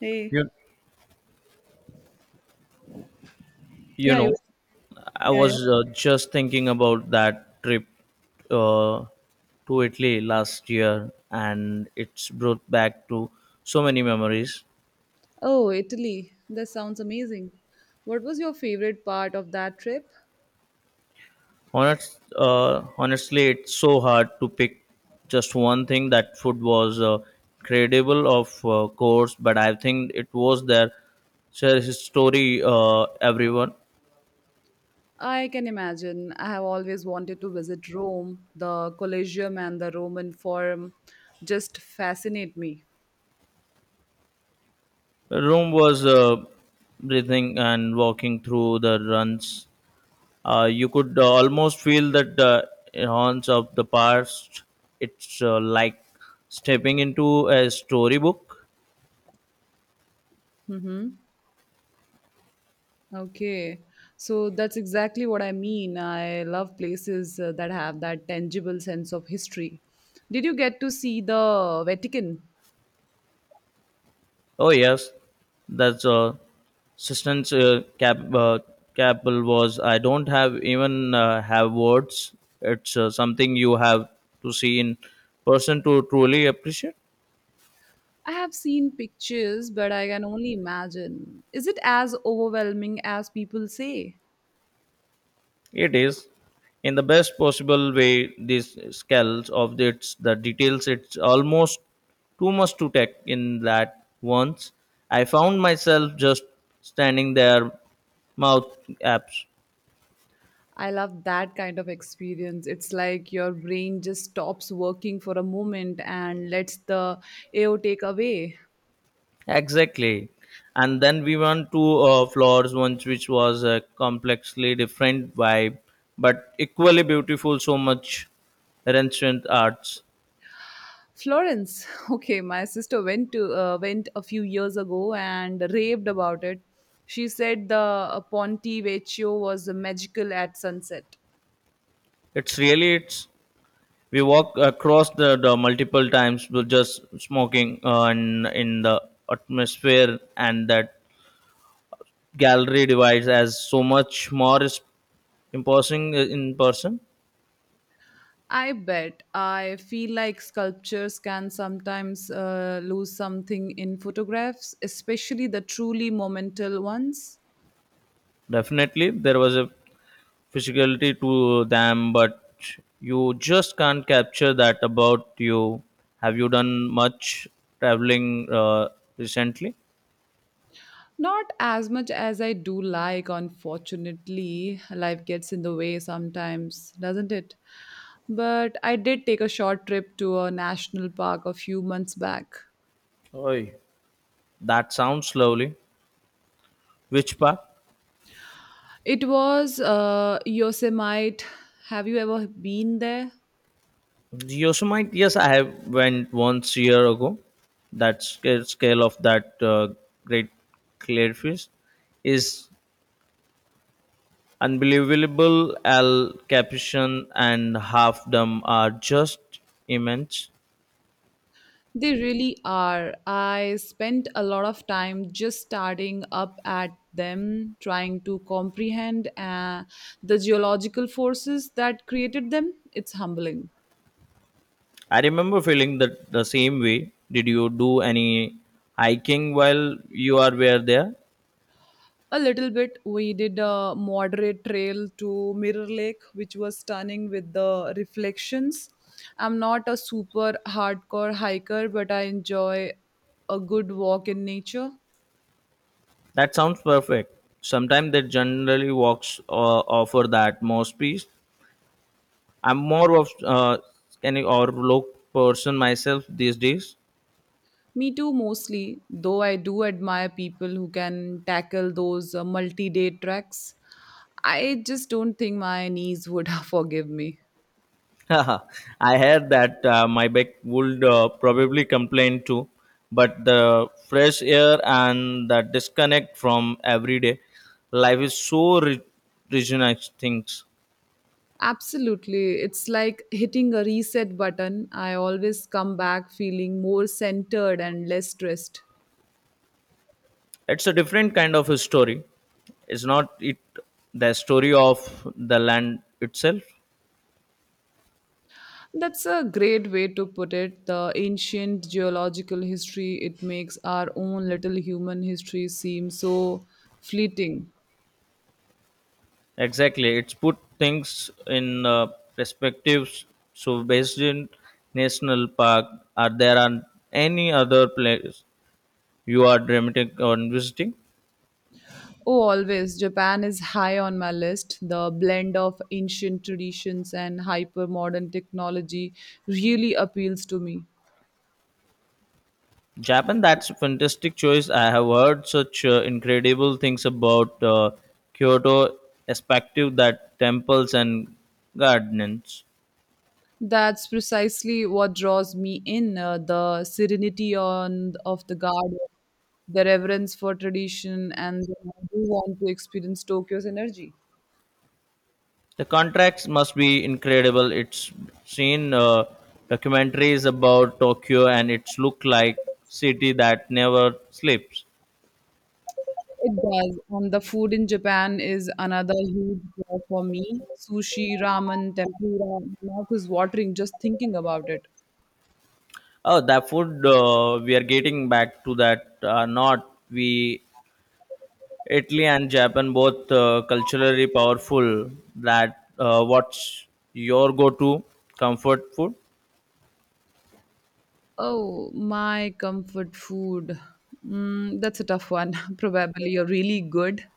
Hey, You, you yeah, you, know, I yeah, yeah. was just thinking about that trip uh, to Italy last year, and it's brought back to so many memories. Oh, Italy. That sounds amazing. What was your favorite part of that trip? Honestly, it's so hard to pick just one thing. That food was incredible, of course, but I think it was their share story. Everyone, I can imagine. I have always wanted to visit Rome. The Colosseum and the Roman Forum just fascinate me. Rome was breathing and walking through the runs. You could almost feel that the haunts of the past. It's like stepping into a storybook. Mm-hmm. Okay, so that's exactly what I mean. I love places that have that tangible sense of history. Did you get to see the Vatican? Oh yes, that's assistance capable was. I don't have even have words. It's something you have to see in person to truly appreciate. I have seen pictures, but I can only imagine. Is it as overwhelming as people say? It is, in the best possible way, these scales of its the details. It's almost too much to take in that once. I found myself just standing there, mouth apps. I love that kind of experience. It's like your brain just stops working for a moment and lets the AO take away. Exactly. And then we went to floors once, which was a complexly different vibe, but equally beautiful. So much ancient arts. Florence, okay, my sister went a few years ago and raved about it. She said the Ponte Vecchio was magical at sunset. It's really it's We walk across the multiple times, with just smoking on in the atmosphere, and that gallery divides as so much more is imposing in person. I bet. I feel like sculptures can sometimes lose something in photographs, especially the truly momental ones. Definitely, there was a physicality to them, but you just can't capture that about you. Have you done much traveling recently? Not as much as I do like, unfortunately. Life gets in the way sometimes, doesn't it? But I did take a short trip to a national park a few months back. Oi. That sounds lovely. Which part? It was Yosemite. Have you ever been there? Yosemite, yes, I have went once year ago. That scale of that great clearfish is unbelievable. Al Capuchin and Half Dome are just immense. They really are. I spent a lot of time just staring up at them, trying to comprehend the geological forces that created them. It's humbling. I remember feeling that the same way. Did you do any hiking while you are were there? A little bit. We did a moderate trail to Mirror Lake, which was stunning with the reflections. I'm not a super hardcore hiker, but I enjoy a good walk in nature. That sounds perfect. Sometimes they generally walks offer the utmost peace. I'm more of scanning or look person myself these days. Me too, mostly, though I do admire people who can tackle those multi day treks. I just don't think my knees would forgive me. I heard that my back would probably complain too, but the fresh air and the disconnect from everyday life is so rejuvenating things. Absolutely. It's like hitting a reset button. I always come back feeling more centered and less stressed. It's a different kind of a story. It's not it the story of the land itself. That's a great way to put it. The ancient geological history, it makes our own little human history seem so fleeting. Exactly, it's put things in perspectives. So, based in National Park, are there are any other place you are dramatic on visiting? Oh, always. Japan is high on my list. The blend of ancient traditions and hyper modern technology really appeals to me. Japan, that's a fantastic choice. I have heard such incredible things about Kyoto, aspective that temples and gardens. That's precisely what draws me in the serenity on, of the garden, the reverence for tradition, and then I do want to experience Tokyo's energy. The contracts must be incredible. It's seen documentaries about Tokyo and it's look like city that never sleeps. It does. And the food in Japan is another huge draw for me. Sushi, ramen, tempura, my mouth is watering just thinking about it. Oh, the food we are getting back to that not we Italy and Japan both culturally powerful. That what's your go-to comfort food? Oh, my comfort food. Mm, that's a tough one. Probably a really good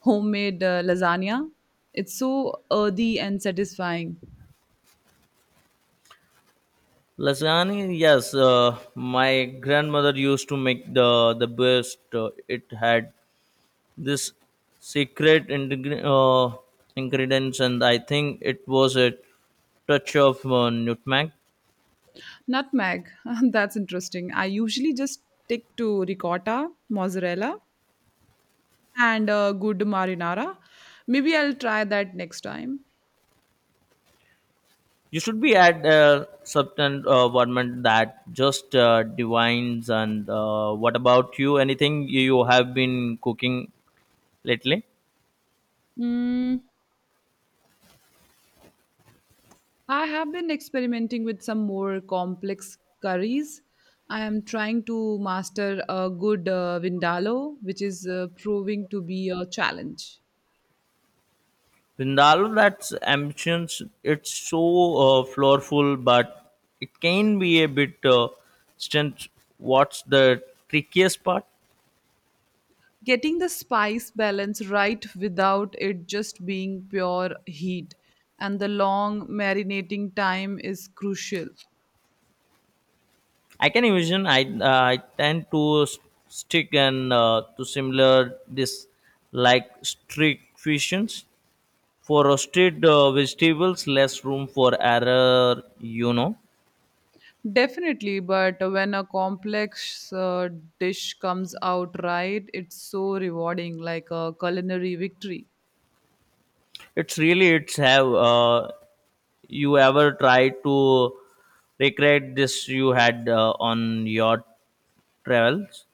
homemade lasagna. It's so earthy and satisfying. Lasagna, yes. My grandmother used to make the best. It had this secret ingredients and I think it was a touch of nutmeg. Nutmeg. That's interesting. I usually just stick to ricotta, mozzarella, and good marinara. Maybe I'll try that next time. You should be at a substance environment that just divines, and what about you, anything you have been cooking lately? Mm, I have been experimenting with some more complex curries. I am trying to master a good vindaloo, which is proving to be a challenge. In that's of ambitions, it's so floorful but it can be a bit stint. What's the trickiest part? Getting the spice balance right without it just being pure heat, and the long marinating time is crucial. I can imagine. I tend to stick and to similar this like strict fusions for roasted vegetables, less room for error. Definitely, but when a complex dish comes out right, it's so rewarding, like a culinary victory. It's really it's have you ever tried to recreate this you had on your travels?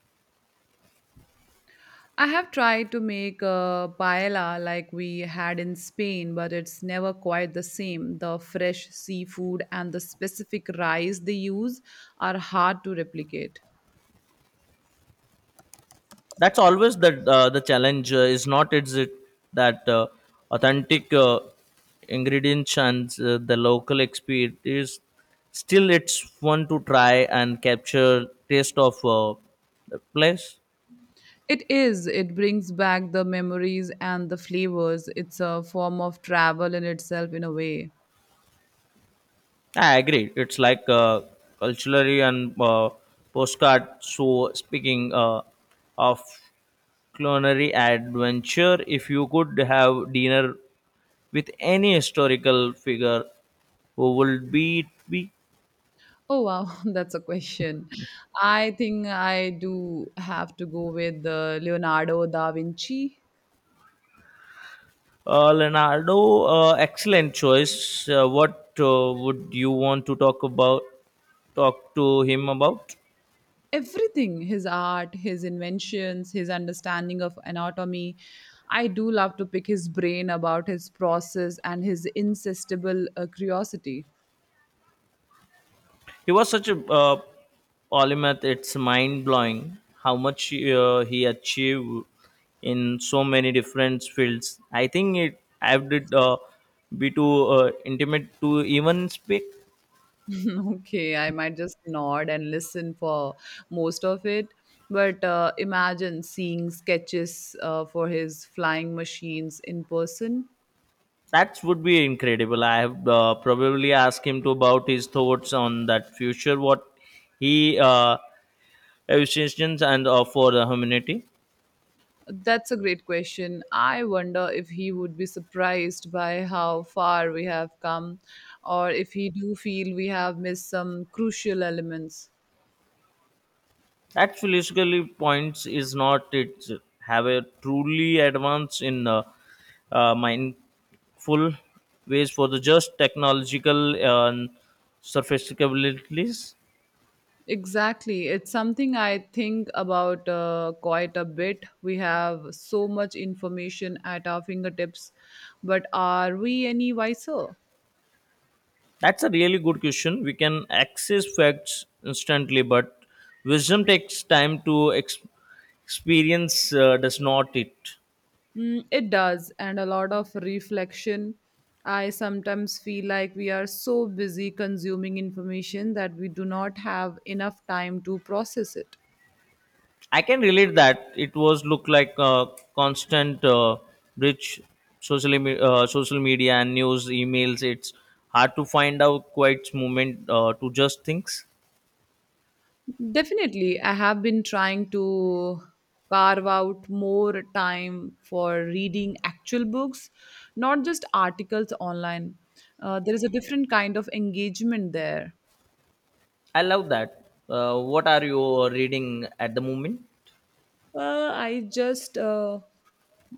I have tried to make a paella like we had in Spain, but it's never quite the same. The fresh seafood and the specific rice they use are hard to replicate. That's always the challenge is not is it that authentic ingredients and the local experience is still it's fun to try and capture taste of the place. It is, it brings back the memories and the flavors. It's a form of travel in itself, in a way. I agree. It's like culturally and postcard. So speaking of culinary adventure, if you could have dinner with any historical figure, who would be it be? Oh wow, that's a question. I think I do have to go with Leonardo da Vinci. Leonardo, excellent choice. What would you want to talk about? Talk to him about? Everything, his art, his inventions, his understanding of anatomy. I do love to pick his brain about his process and his insatiable curiosity. He was such a polymath. It's mind blowing how much he achieved in so many different fields. I think it I would be too intimate to even speak. Okay, I might just nod and listen for most of it. But imagine seeing sketches for his flying machines in person. That would be incredible. I have probably asked him to about his thoughts on that future, what he envisions and for the humanity. That's a great question. I wonder if he would be surprised by how far we have come, or if he do feel we have missed some crucial elements. That philosophically points is not it have a truly advance in mindful ways for the just technological and surface capabilities. Exactly. It's something I think about quite a bit. We have so much information at our fingertips, but are we any wiser? That's a really good question. We can access facts instantly, but wisdom takes time to experience. Does not it? Mm, it does, and a lot of reflection. I sometimes feel like we are so busy consuming information that we do not have enough time to process it. I can relate that it was look like a constant bridge social social media and news emails. It's hard to find out quite moment to just things. Definitely, I have been trying to carve out more time for reading actual books, not just articles online. There is a different kind of engagement there. I love that. What are you reading at the moment? Uh, I just uh,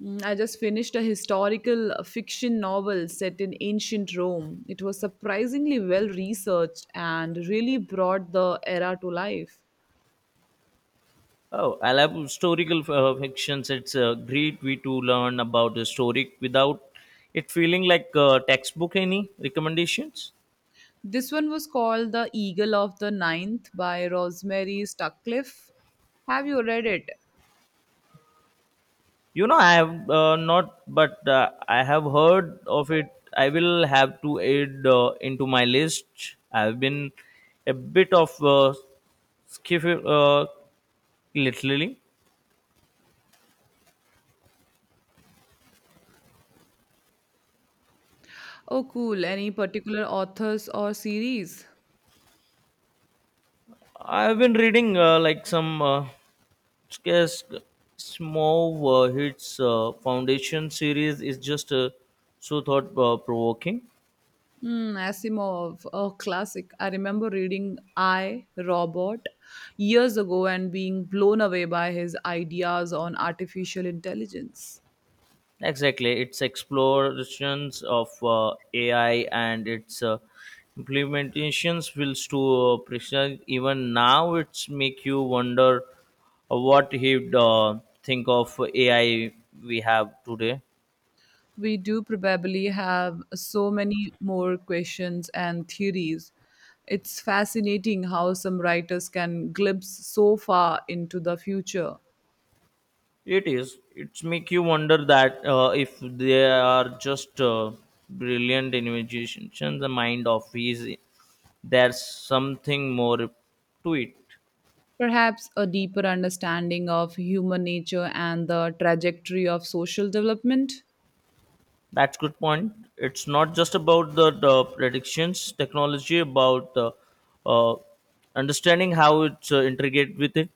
I just finished a historical fiction novel set in ancient Rome. It was surprisingly well researched and really brought the era to life. Oh, I love historical fictions. It's a great way to learn about the story without it feeling like a textbook. Any recommendations? This one was called The Eagle of the Ninth by Rosemary Stuckliff. Have you read it? You know, I have not, but I have heard of it. I will have to add into my list. I have been a bit of skiff, literally. Oh, cool. Any particular authors or series? I have been reading like some scarce small hits foundation series is just so thought provoking. Mm, Asimov, a classic. I remember reading I, Robot years ago and being blown away by his ideas on artificial intelligence. Exactly, it's explorations of AI and its implementations will to precise. Even now, it's make you wonder what he'd think of AI we have today. We do probably have so many more questions and theories. It's fascinating how some writers can glimpse so far into the future. It is. It's make you wonder that if they are just brilliant inventions, the mind of his, there's something more to it. Perhaps a deeper understanding of human nature and the trajectory of social development, That's good point. It's not just about the predictions technology, about uh, understanding how it's integrate with it.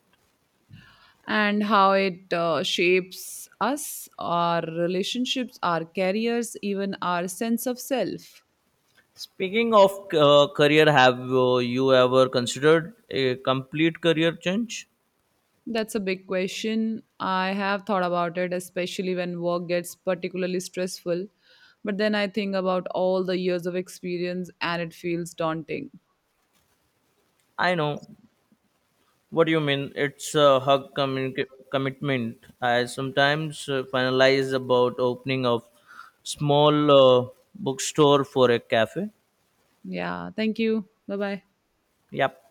and how it shapes us, our relationships, our careers, even our sense of self. Speaking of career, have you ever considered a complete career change? That's a big question. I have thought about it, especially when work gets particularly stressful. But then I think about all the years of experience and it feels daunting. I know what do you mean. It's a hug commitment. I sometimes finalize about opening of small bookstore for a cafe. Yeah, thank you. Bye bye. Yep.